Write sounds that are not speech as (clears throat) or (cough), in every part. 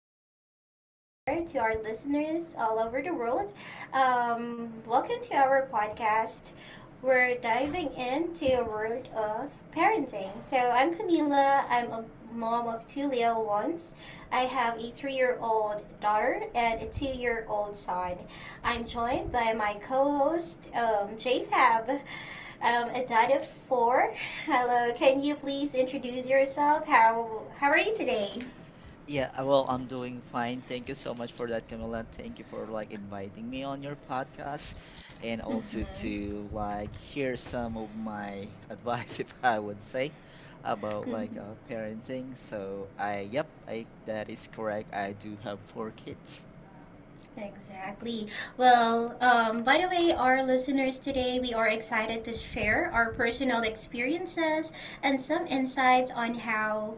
to whatever you are, to our listeners all over the world. Welcome to our podcast. We're diving into a world of parenting. So, I'm Camila. I'm a mom of two little ones. I have a 3-year-old old daughter and a 2-year-old old son. I'm joined by my co host, JFab. A dot of four. Hello. Can you please introduce yourself? How are you today? Yeah, well, I'm doing fine. Thank you so much for that, Camilla. Thank you for like inviting me on your podcast and also Mm-hmm. to like hear some of my (laughs) advice, if I would say, about like Mm-hmm. uh, parenting. I that is correct. I do have four kids. Exactly. Well, by the way, our listeners today, we are excited to share our personal experiences and some insights on how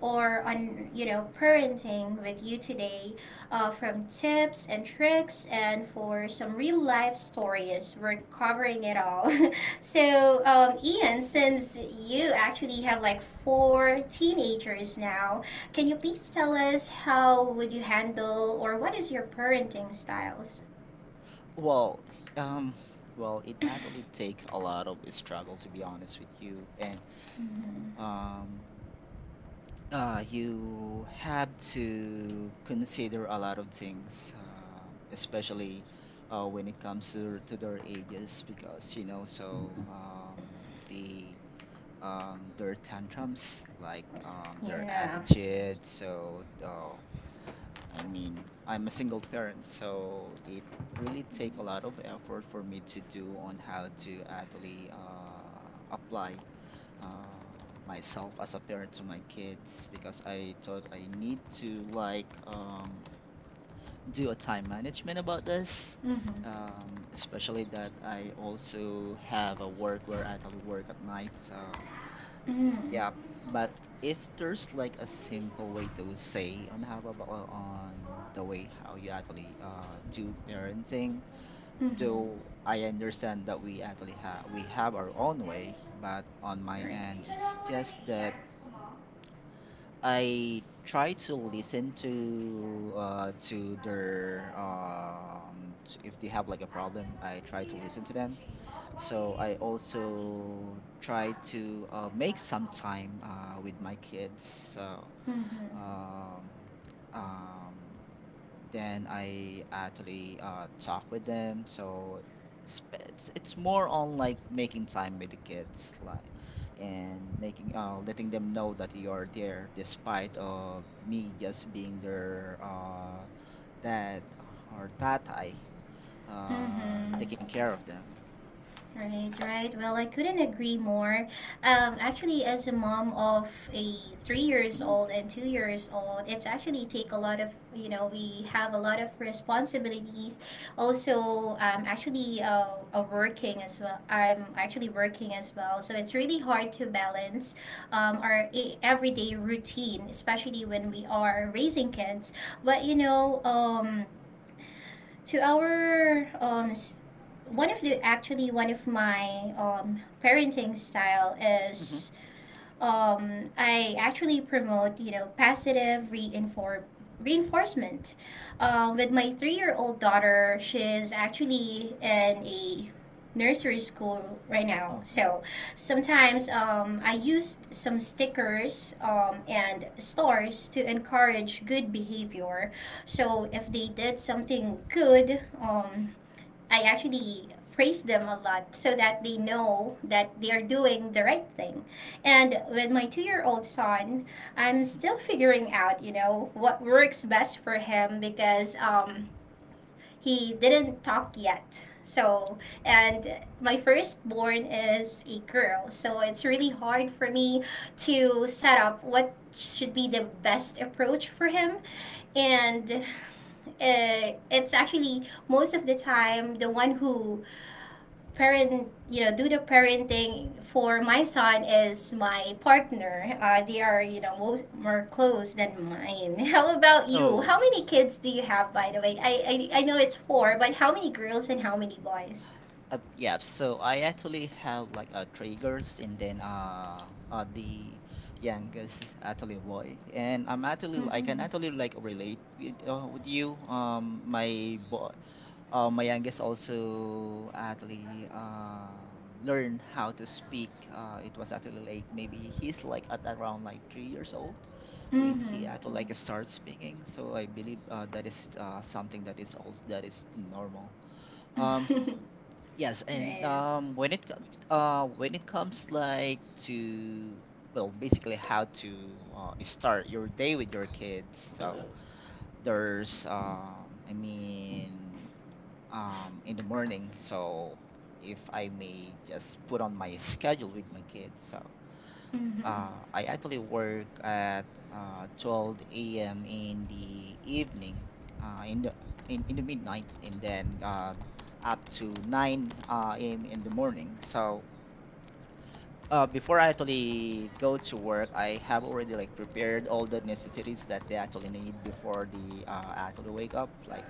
or on parenting with you today, from tips and tricks and for some real life stories. We're covering it all. (laughs) So, Ian, since you actually have like four teenagers now, can you please tell us how would you handle or what is your parenting styles? (clears throat) Well, um, well, it actually take a lot of struggle to be honest with you, and Mhm. um, you have to consider a lot of things, especially when it comes to their ages, because you know, the their tantrums, like their Yeah. attitude. I mean, I'm a single parent, so it really take a lot of effort for me to do on how to actually apply uh, myself as a parent to my kids because I thought I need to do a time management about this. Mm-hmm. Especially that I also have a work where I actually work at night, so Mm. yeah. But if there's like a simple way to say on how about on the way how you actually do parenting, Mm-hmm. though I understand that we have our own way, but on my Right. end, it's just that I try to listen to their if they have like a problem, I try to listen to them. So I also try to make some time with my kids. So Mm-hmm. um, um, then I actually talk with them. So it's more on like making time with the kids, like and making letting them know that you're there despite of me just being their dad or tatai, taking Mm-hmm. care of them. Right, right. Well, I couldn't agree more. Actually, as a mom of a 3 years hmm old and 2 years old, it's actually take a lot of. We have a lot of responsibilities. Also, I'm actually working as well. I'm actually working as well, so it's really hard to balance our everyday routine, especially when we are raising kids. But you know, to our one of the actually one of my parenting style hmm is I actually promote positive reinform reinforcement. With my 3-year-old old daughter, she's actually in a nursery school right now. Oh. Mhm, So sometimes I used some stickers and stars to encourage good behavior. So if they did something good, I actually praise them a lot so that they know that they are doing the right thing. And with my 2-year-old old son, I'm mhm. still figuring out, what works best for him because he didn't talk yet. So, and my firstborn is a girl. So it's really hard for me to set up what should be the best approach for him. And it's actually most of the time the one who parent you know do the parenting for my son is my partner, they are more close than mine. (laughs) How about you? Oh, How many kids do you have, by the way? I know it's four, but how many girls and how many boys? Yeah, so I actually have like three girls and then the youngest is actually a boy, and I can Mm-hmm. actually like relate with you, um, my boy, my youngest also actually learned how to speak. It was actually like maybe he's like at around like 3 years old when he Mm-hmm. had to start speaking. So I believe that is something that is also that is normal. Um, (laughs) Yes, and Right. When it comes like to, well, basically how to start your day with your kids. So there's I mean, in the morning. So if I may just put on my schedule with my kids. So Mm-hmm. I actually work at 12 a.m. in the evening, uh, in the in the midnight, and then up to 9 a.m. in the morning. So before I actually go to work, I have already like prepared all the necessities that they actually need before the actually wake up, like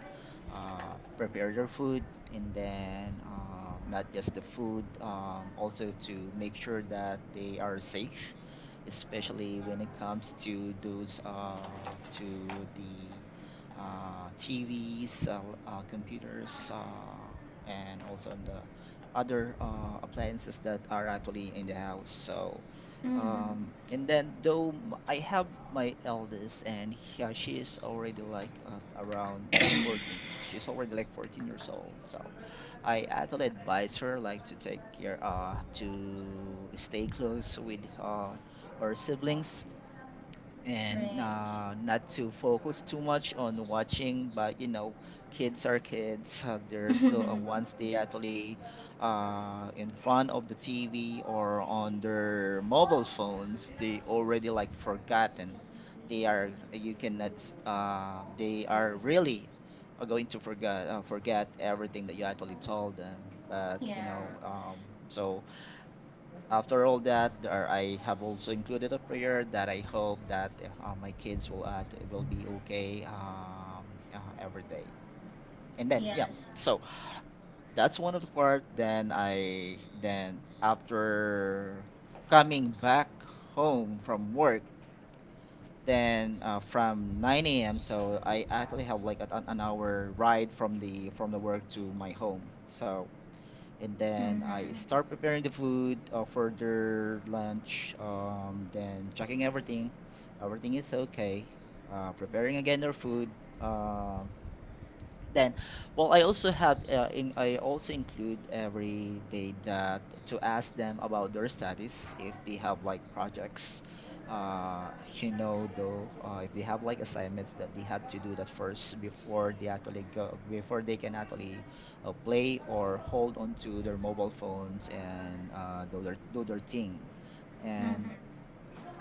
prepare their food, and then not just the food, also to make sure that they are safe, especially when it comes to those to the TVs, computers, and also on the other appliances that are actually in the house. So, Mm-hmm. And then I have my eldest, and she is already like around 14. She's already like 14 years old. So I actually advise her like to take care, to stay close with her siblings, and Right. Not to focus too much on watching. But you know, kids are kids. (laughs) They're still Once (laughs) they actually in front of the TV or on their mobile phones, they already like forgotten. They are you cannot. S- They are really are going to forget, forget everything that you actually told them. But you Yeah. know, so after all that, there, I have also included a prayer that I hope that my kids will be okay, every day. And then, yeah, Yes. so that's one of the part. Then after coming back home from work, then from 9 a.m. So I actually have like an hour ride from the work to my home. So and then I Mm-hmm. start preparing the food for their lunch. Then checking everything, everything is okay. Preparing again their food. Uh, then, well, I also have in I also include every day that to ask them about their studies if they have like projects. Uh, you know, though, if they have like assignments that they have to do that first before they can actually play or hold on to their mobile phones and do their thing. And Mm-hmm.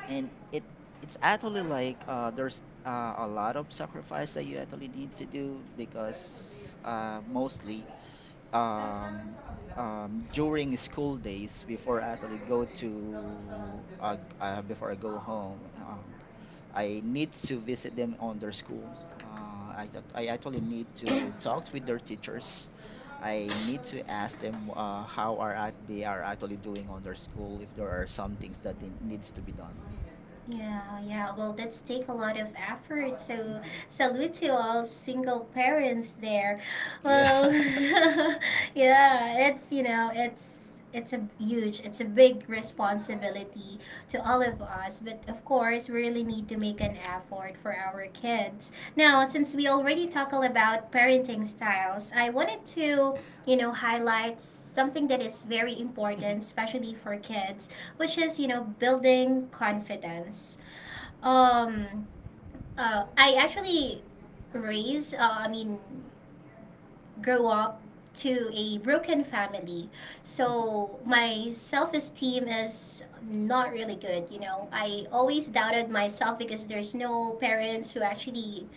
and it's actually like there's a lot of sacrifice that you actually need to do because mostly um, during school days before I actually go to before I go home, I need to visit them on their school, uh, I thought I actually need to talk with their teachers. I need to ask them they are actually doing on their school if there are some things that they needs to be done. Yeah, yeah. Well, that's take a lot of effort. So, Mm-hmm. salute to all single parents there. Yeah. Well, (laughs) (laughs) yeah, it's it's a huge, it's a big responsibility to all of us. But of course, we really need to make an effort for our kids. Now, since we already talked about parenting styles, I wanted to, highlight something that is very important, Mhm, especially for kids, which is, building confidence. Um, I actually I mean, grow up to a broken family. mhm, So my self esteem is not really good. I always doubted myself because there's no parents who actually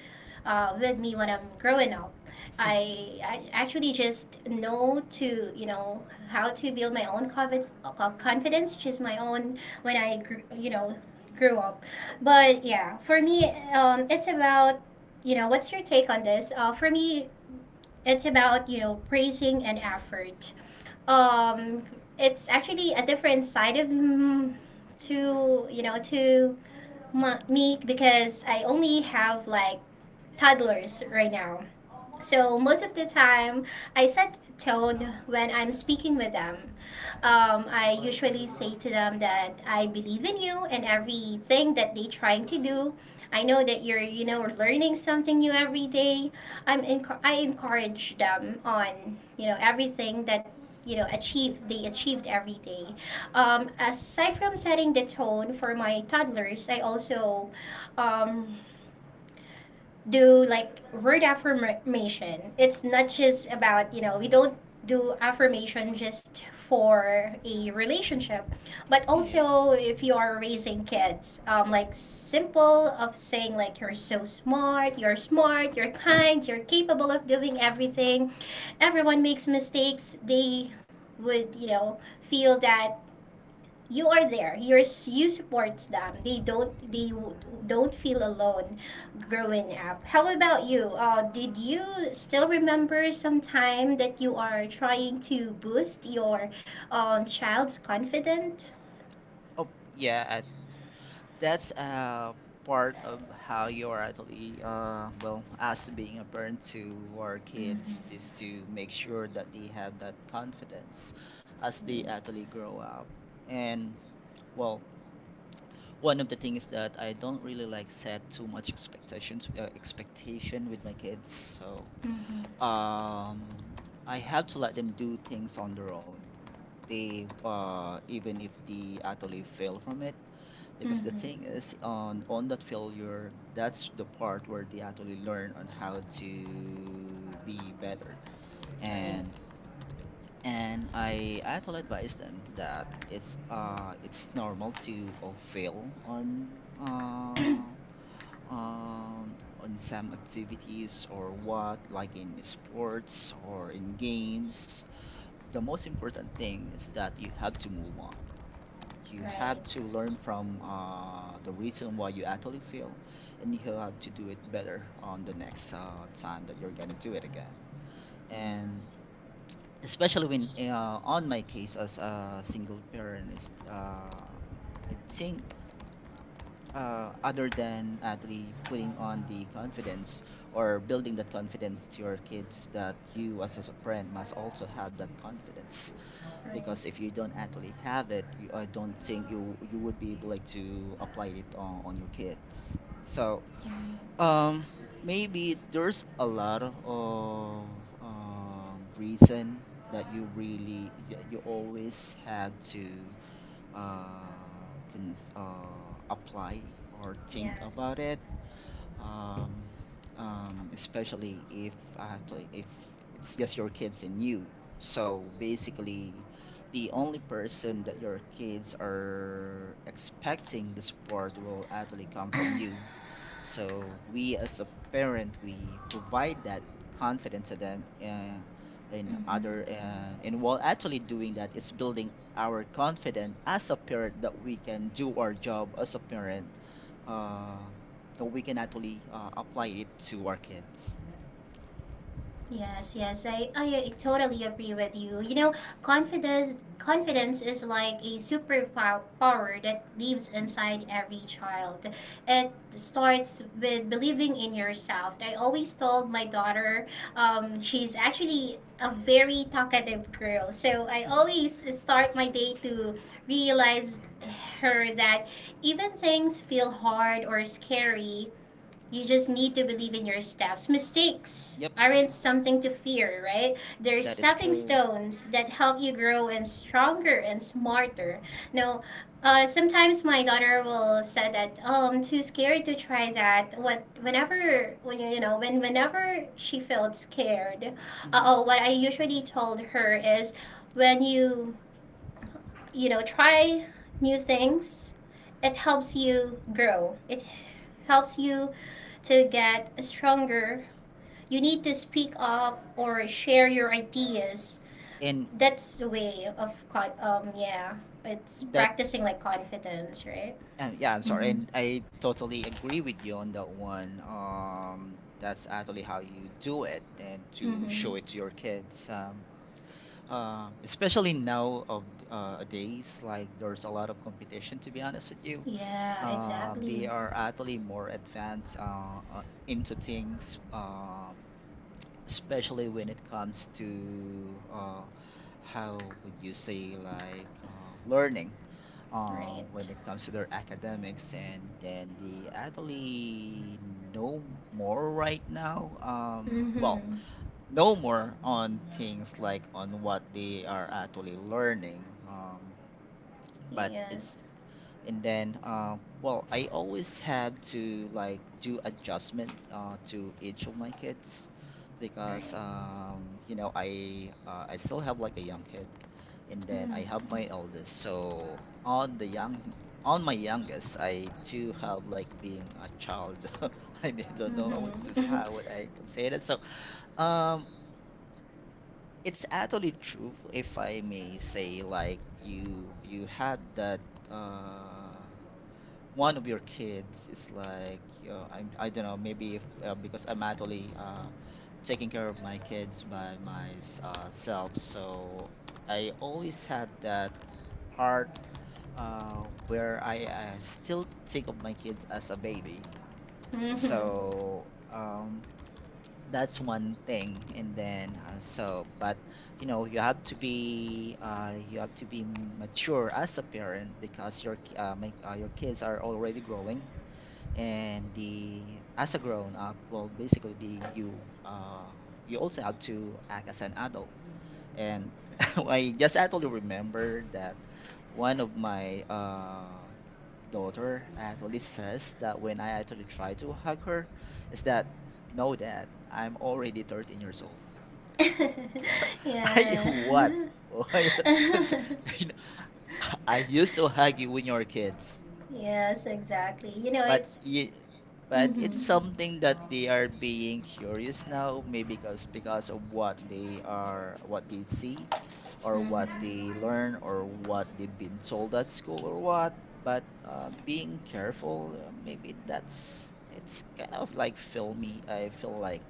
with me when I'm growing up. I actually just know to, how to build my own confidence, just my own when I, gr- you know, grew up. But yeah, for me, it's about, what's your take on this? For me, it's about praising and effort. Um, it's actually a different side of to to me because I only have like toddlers right now. So most of the time, I set tone when I'm speaking with them. I usually say to them that I believe in you and everything that they're trying to do. I know that you're, learning something new every day. I encourage them on, everything that Yeah. achieve they achieved every day. Aside from setting the tone for my toddlers, I also um, do like word affirmation. It's not just about, we don't do affirmation just for a relationship, but Yeah. also if you are raising kids, like simple of saying like you're so smart, you're kind, you're capable of doing everything. Everyone makes mistakes. They would, feel that you are there, you support them, they don't feel alone growing up. How about you? Did you still remember some time that you are trying to boost your child's confidence? Oh, yeah. That's part of how you're actually, uh, well, as being a parent to our Mm-hmm. kids, is to make sure that they have that confidence as they actually grow up. And well, one of the things that I don't really like, set too much expectation with my kids. So Mm-hmm. um, I had to let them do things on their own. They Even if they actually fail from it, because the Mm-hmm. thing is on that failure, that's the part where they actually learn on how to be better. Right. And and I actually advise them that it's normal to fail uh on some activities or what, like in sports or in games. The most important thing is that you have to move on. You Right. have to learn from the reason why you actually fail, and you have to do it better on the next time that you're gonna do it again. And Yes. especially when on my case as a single parent is, I think, other than actually putting on the confidence or building that confidence to your kids is that you as a parent must also have that confidence, Right. because if you don't actually have it, I don't think you would be able like to apply it on your kids. So Yeah. um, maybe there's a lot of reason that you really, you always have to apply or think Yes. about it. Um, Especially if I if it's just your kids and you. So basically, the only person that your kids are expecting the support will actually come from you. So we as a parent, we provide that confidence to them, in Mm-hmm. other and while actually doing that is building our confidence as a parent that we can do our job as a parent, uh, that we can actually apply it to our kids. (laughs) Yes, yes, I totally agree with you. You know, confidence is like a superpower that lives inside every child. It starts with believing in yourself. I always told my daughter, she's actually a very talkative girl, so I Mhm. always start my day to realize her that even things feel hard or scary, you just need to believe in your steps. Mistakes Yep, aren't something to fear, right? They're that is stepping true. stones that help you grow and stronger and smarter. Now, sometimes my daughter will say that, "Oh, I'm too scared to try that." Whenever, whenever she felt scared, Hmm oh, what I usually told her is, when try new things. It helps you grow. It helps you to get stronger. You need to speak up or share your ideas. And That's the way of yeah. It's that practicing like confidence, right? Yeah, I'm sorry, Mm-hmm. and I totally agree with you on that one. That's actually how you do it, and to Mm-hmm. show it to your kids. Especially now of days, like there's a lot of competition. To be honest with you, Yeah, exactly. they are actually more advanced, into things, especially when it comes to how would you say like learning when Right. it comes to their academics, and then they actually know more right now. Well, Mm-hmm. know more on things like on what they are actually learning. But Yes. it's and then well, I always have to like do adjustment to each of my kids, because Right. I still have like a young kid, and then Mm. I have my eldest. So on the young on my youngest, I do have like being a child. (laughs) I don't know what to Mhm. how would I say that. So um, it's actually true if I may say like you had that uh one of your kids is like I don't know maybe if because I'm actually taking care of my kids by myself, so I always have that part where I still think of my kids as a baby. Mhm. (laughs) So that's one thing. And then uh, so but you know, you have to be you have to be mature as a parent because your your kids are already growing. And the As a grown up, well, basically, the you you also have to act as an adult. And (laughs) I just actually remember that one of my daughter actually says that when I actually try to hug her is that, "No, Dad, I'm already 13 years old." (laughs) so (laughs) I yeah. what (laughs) why was (laughs) you know, I used to hug you when you were kids. yes, exactly. You know, but it's. y- Mm but hmm. it's something that they are being curious now, maybe because of what they are, what they see or Mm what hmm. they learn or what they've been told at school or what. But being careful, maybe that's, it's kind of like filmy. I feel like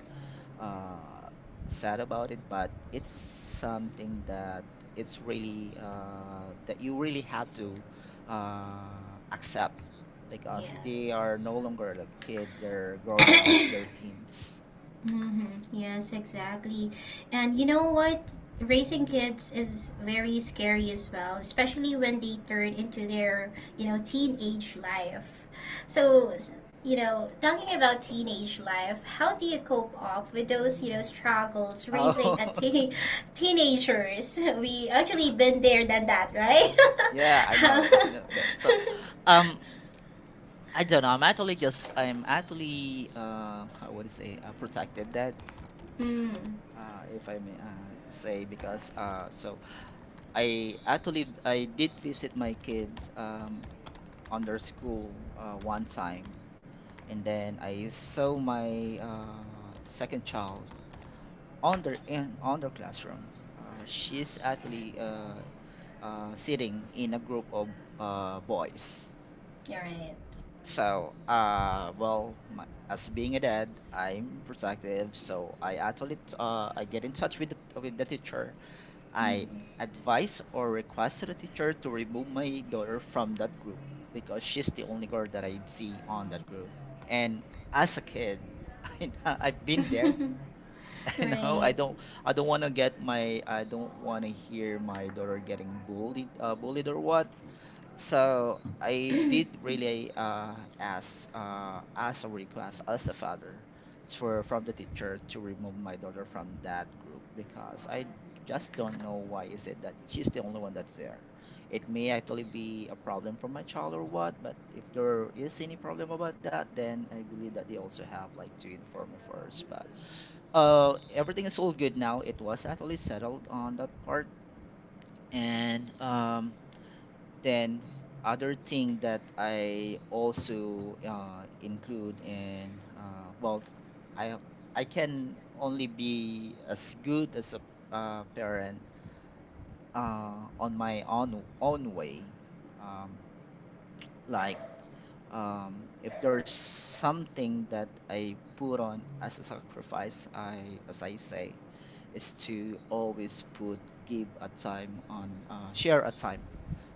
uh, sad about it, but it's something that it's really that you really have to accept because they Yes. are no longer like a kid; they're growing up, (coughs) they're teens. Mm-hmm. Yes, exactly. And you know what? Raising kids is very scary as well, especially when they turn into their, teenage life. So, talking about teenage life, how do you cope up with those, struggles raising Oh, a teen (laughs) teenagers? (laughs) We actually been there than that, right? (laughs) yeah, (laughs) I How- know, (laughs) I know, I know. (laughs) Um, I don't know. I'm actually, how would I say, protective, that. mm, If I may say, because I did visit my kids on their school one time, and then I saw my second child on their classroom. She's actually sitting in a group of boys. you're right. So, as being a dad, I'm protective, so I get in touch with the teacher. I advised or requested a teacher to remove my daughter from that group because she's the only girl that I see on that group. And as a kid, (laughs) I've been there. (laughs) Mhm. (laughs) You know, right. I don't want to I don't want to hear my daughter getting bullied, bullied or what. So I did really ask a request as a father for from the teacher to remove my daughter from that group, because I just don't know why is it that she's the only one that's there. It may actually be a problem for my child or what, but if there is any problem about that, then I believe that they also have like to inform me first. But everything is all good now. It was actually settled on that part, and then other thing that I also include in, I I can only be as good as a parent on my own way. Um, like if there's something that I put on as a sacrifice, I as I say, is to always put give a time on, share a time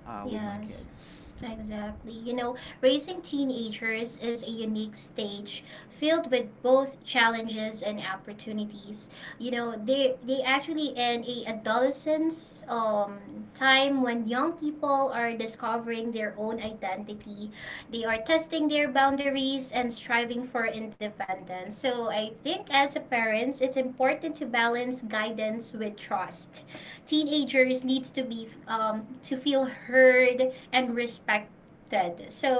with my Yes, kids. exactly. You know, raising teenagers is a unique stage filled with both challenges and opportunities. You know, they actually in a adolescence time when young people are discovering their own identity. They are testing their boundaries and striving for independence. So I think as a parents, it's important to balance guidance with trust. Teenagers needs to be to feel heard and respected.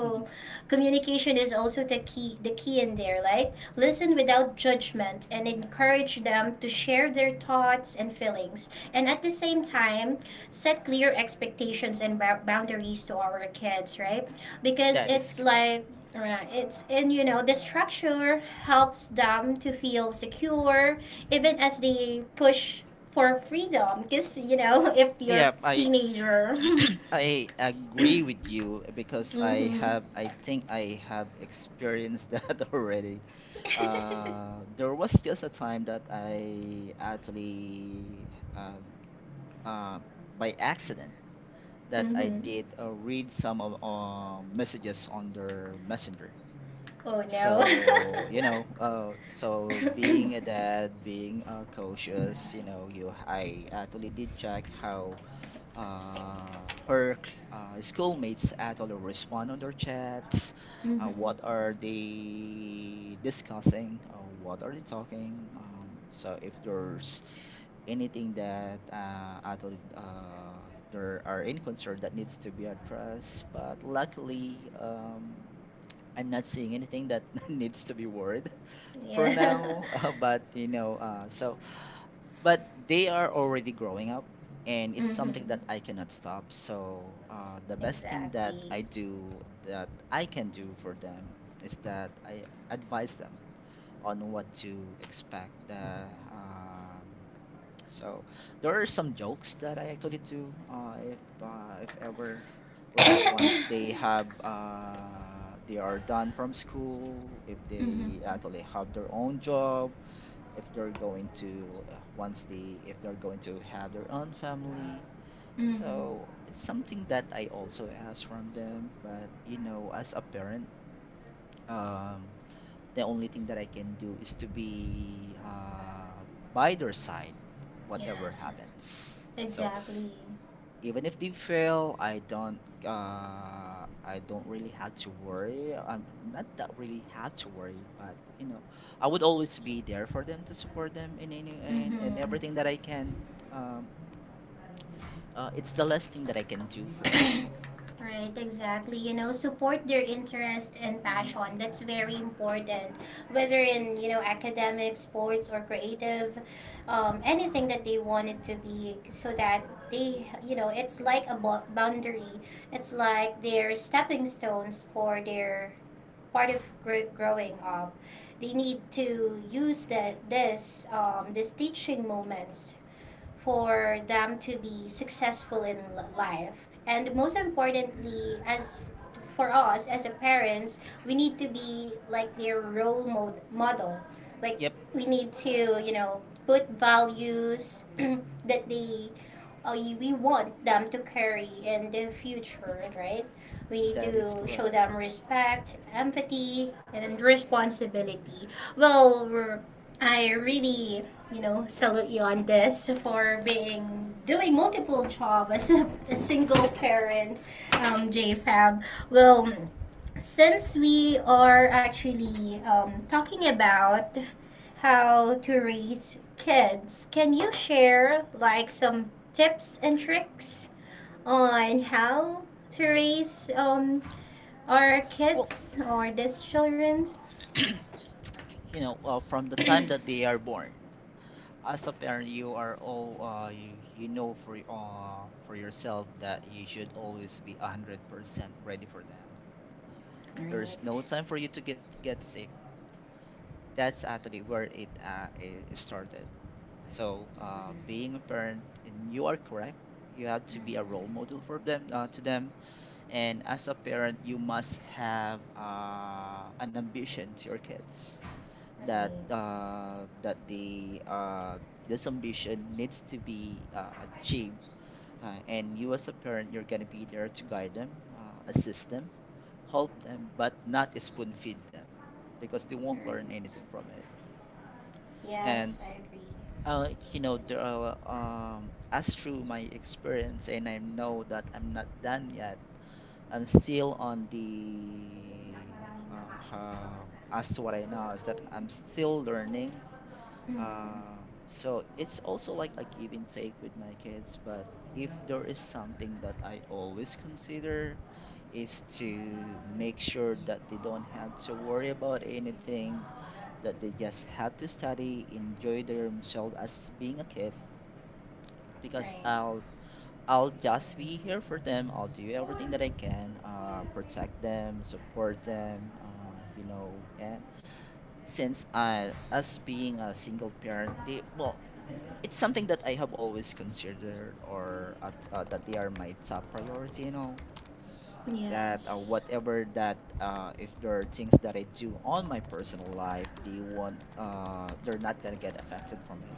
Hmm. communication is also the key, in there, right? Listen without judgment and encourage them to share their thoughts and feelings, and at the same time set clear expectations and boundaries to our kids, right? Because That is it's correct. like. Right. It's and the structure helps them to feel secure even as they push for freedom because (laughs) if you're Yeah, I teenager. (clears throat) (laughs) I agree with you because Mm-hmm. I think I have experienced that (laughs) already. (laughs) There was just a time that I actually uh, uh, by accident, that I Mm-hmm. did read some of messages on their messenger. Oh no. So, you know, being a (laughs) dad, being cautious, you know, you I actually did check how schoolmates actually respond on their chats. Mm-hmm. What are they discussing? What are they talking? So if there's anything that at all there are any concern that needs to be addressed, but luckily, I'm not seeing anything that (laughs) needs to be worried for Yeah. now. (laughs) But you know, so but they are already growing up, and (laughs) it's Mm-hmm. something that I cannot stop. So the best thing Exactly. That I can do for them is that I advise them on what to expect um, so there are some jokes that I actually do, if ever, (coughs) like, once Mm-hmm. they have they are done from school, if they actually have their own job, if they're going to once they, if they're going to have their own family. Mm-hmm. So it's something that I also ask from them. But you know, as a parent, um, the only thing that I can do is to be by their side whatever Yes, happens. So exactly. even if they fail, I don't really have to worry. I'm not that really have to worry, But you know, I would always be there for them to support them in in Mm-hmm. everything that I can. Um, it's the last thing that I can do for them. Right, exactly. You know, support their interest and Hmm. passion. That's very important. Whether in, academic, sports, or creative, anything that they want it to be, so that they, it's like a boundary. It's like their stepping stones for their part of growing up. They need to use that this these teaching moments for them to be successful in life. And most importantly, as for us as a parents, we need to be like their role model. Like Yep, we need to, put values (clears throat) that we want them to carry in the future, right? We need that is to show correct. them respect, empathy, and responsibility. Well, we're I really, salute you on this for being doing multiple job as a single parent, JFab. Well, since we are actually talking about how to raise kids, can you share like some tips and tricks on how to raise our Well, kids or these children? you know, from the time that they are born, as a parent, you are all you you know for, for yourself that you should always be 100% ready for them. There is no Right, time for you to get sick. That's actually where it it started. So being a parent, and you are correct. You have to be a role model for them, to them. And as a parent, you must have an ambition to your kids, that right, that the this ambition needs to be achieved, and you, as a parent, you're going to be there to guide them, assist them, help them, but not spoon feed them because they won't learn right. anything from it. And Yes, I agree. You know, there are, as through my experience, and I know that I'm not done yet. I'm still on the, uh, um, as to what I know, is that I'm still learning. Mm-hmm. So it's also like a give and take with my kids. But if there is something that I always consider is to make sure that they don't have to worry about anything, that they just have to study, enjoy themselves as being a kid, because Right. I'll just be here for them. I'll do everything that I can, protect them, support them, you know. And since I, as being a single parent, they, well, it's something that I have always considered or at, that they are my top priority and all that. Yes. Whatever, that if there are things that I do on my personal life, they're not gonna get affected from it.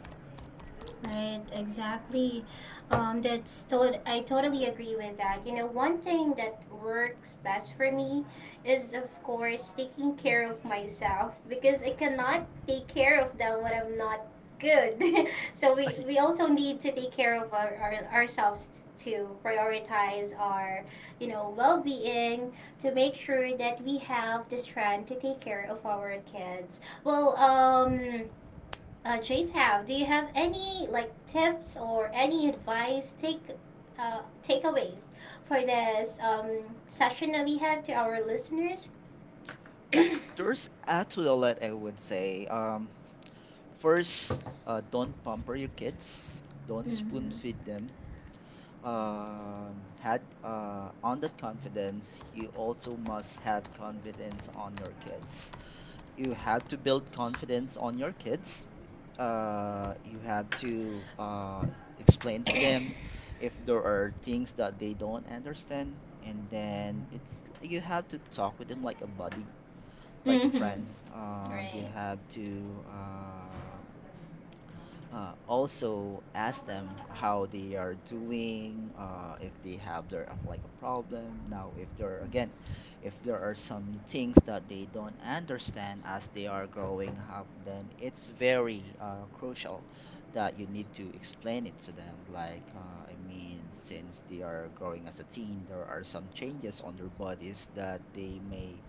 Right, exactly. That's I totally agree with that. You know, one thing that works best for me is, of course, taking care of myself because I Mhm. cannot take care of them when I'm not good. (laughs) so we, I- we also need to take care of ourselves to prioritize our, well-being to make sure that we have the strength to take care of our kids. Well, Jade, how do you have any like tips or any advice takeaways for this session that we have to our listeners? (coughs) well, there's actually a lot I would say. First, don't pamper your kids, don't spoon Mm-hmm. feed them. Had on that confidence You also must have confidence on your kids. You had to build confidence on your kids. You had to explain to them if there are things that they don't understand, and then it's you have to talk with them like a buddy, like a friend. Mm-hmm. You Right. have to also ask them how they are doing, if they have their, like, a problem. Now, if there are some things that they don't understand as they are growing up, then it's very crucial that you need to explain it to them. Like, I mean, since they are growing as a teen, there are some changes on their bodies that they may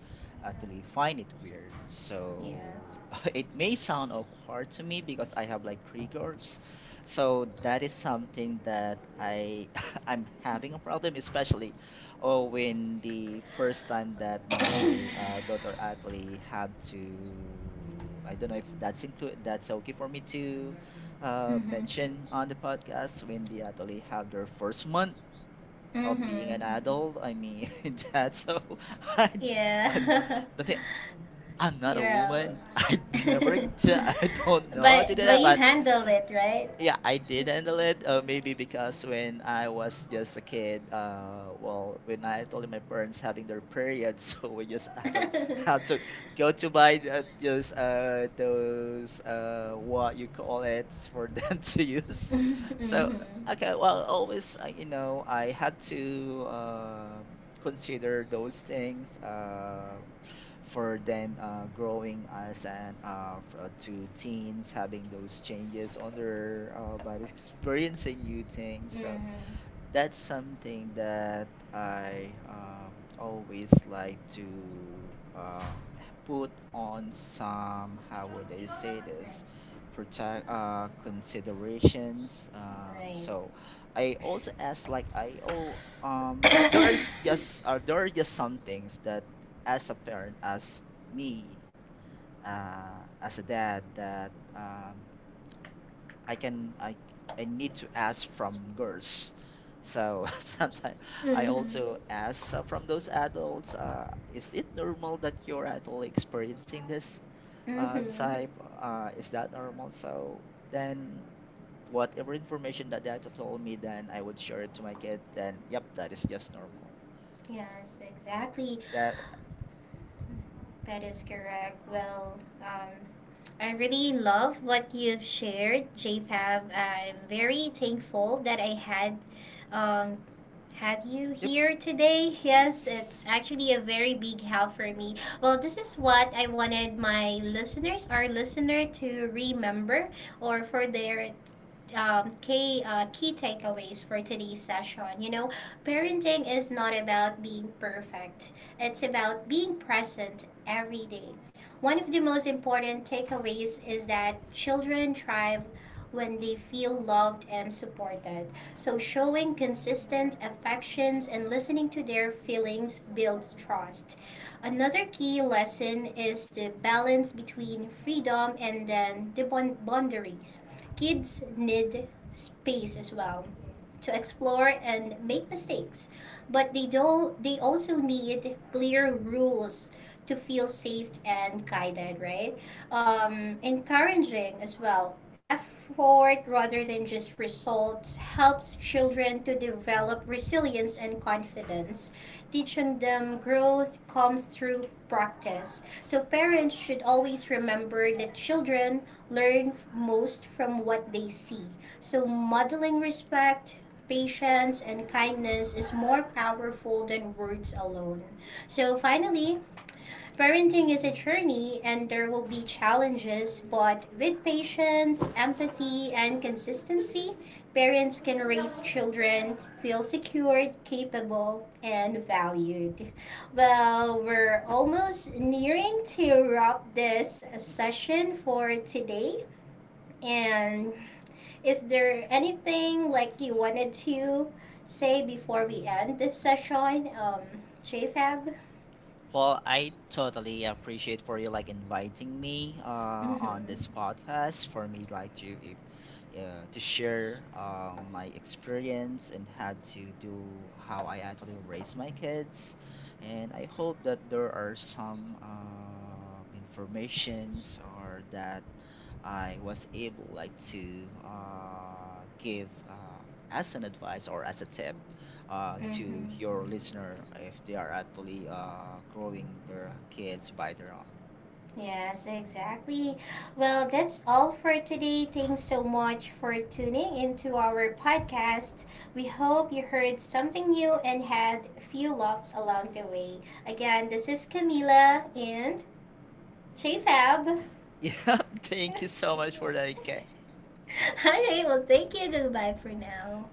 actually find it weird. So (laughs) it may sound awkward to me because I have like triggers. So that is something that I (laughs) I'm having a problem, especially, oh, when the first time that my daughter actually had to, I don't know if that's include that's okay for me to Mm-hmm. mention on the podcast, when they actually have their first month of being Mm-hmm. an adult. I mean, (laughs) that's so (laughs) I, I, Yeah. the thing, I'm (laughs) not a yeah. woman. (laughs) I never, ju- (laughs) (laughs) I don't know how to do but that. you But handled it, right? yeah, I did handle it. Maybe because when I was just a kid, well, when I told my parents having their period, (laughs) so we just actually (laughs) had to go to buy the, those, what you call it for them (laughs) to use. So, Mm-hmm. okay, well, always, you know, I had to, consider those things. For them, growing as an to teens, having those changes on their body, experiencing new things. So, Mm-hmm. that's something that I, always like to put on some, how would I say this, protect considerations. Right. So I also ask, like I oh there (coughs) is just, there are just some things that as a parent, me as a dad, that I can I need to ask from girls. So (laughs) sometimes I Mm-hmm. also ask from those adults, is it normal that you're actually experiencing this Mm-hmm. type? Is that normal? So then whatever information that told me, then I would share it to my kid. Then yep, that is just normal. Yes, Uh, exactly. that That is correct. Well, I really love what you've shared, JFab. I'm very thankful that I um, had you Yep. here today. Yes, it's actually a very big help for me. Well, this is what I wanted my listeners, our listener, to remember or for their key takeaways for today's session. You know, parenting is not about being perfect. It's about being present every day. One of the most important takeaways is that children thrive when they feel loved and supported. So, showing consistent affections and listening to their feelings builds trust. Another key lesson is the balance between freedom and then the boundaries. Kids need space as well to explore and make mistakes, but they don't they also need clear rules to feel safe and guided, right? Encouraging as well effort rather than just results helps children to develop resilience and confidence. Teaching them growth comes through practice. So parents should always remember that children learn most from what they see. So modeling respect, patience, and kindness is more powerful than words alone. So finally, parenting is a journey and there will be challenges, but with patience, empathy, and consistency, parents can raise children feel secured, capable, and valued. Well, we're almost nearing to wrap this session for today. And is there anything like you wanted to say before we end this session, JFab? Well, I totally appreciate for you like inviting me Mm-hmm. on this podcast for me like to if, to share my experience and how to do how I actually raise my kids, and I hope that there are some informations or that I was able like to give as an advice or as a tip to Mm-hmm. your listener if they are actually growing their kids by their own. (laughs) Yes, exactly. Well, that's all for today. Thanks so much for tuning into our podcast. We hope you heard something new and had a few laughs along the way. Again, this is Camila and JFab. (laughs) All Yeah, thank you so much for that, Kay. right, well, thank you. Goodbye for now.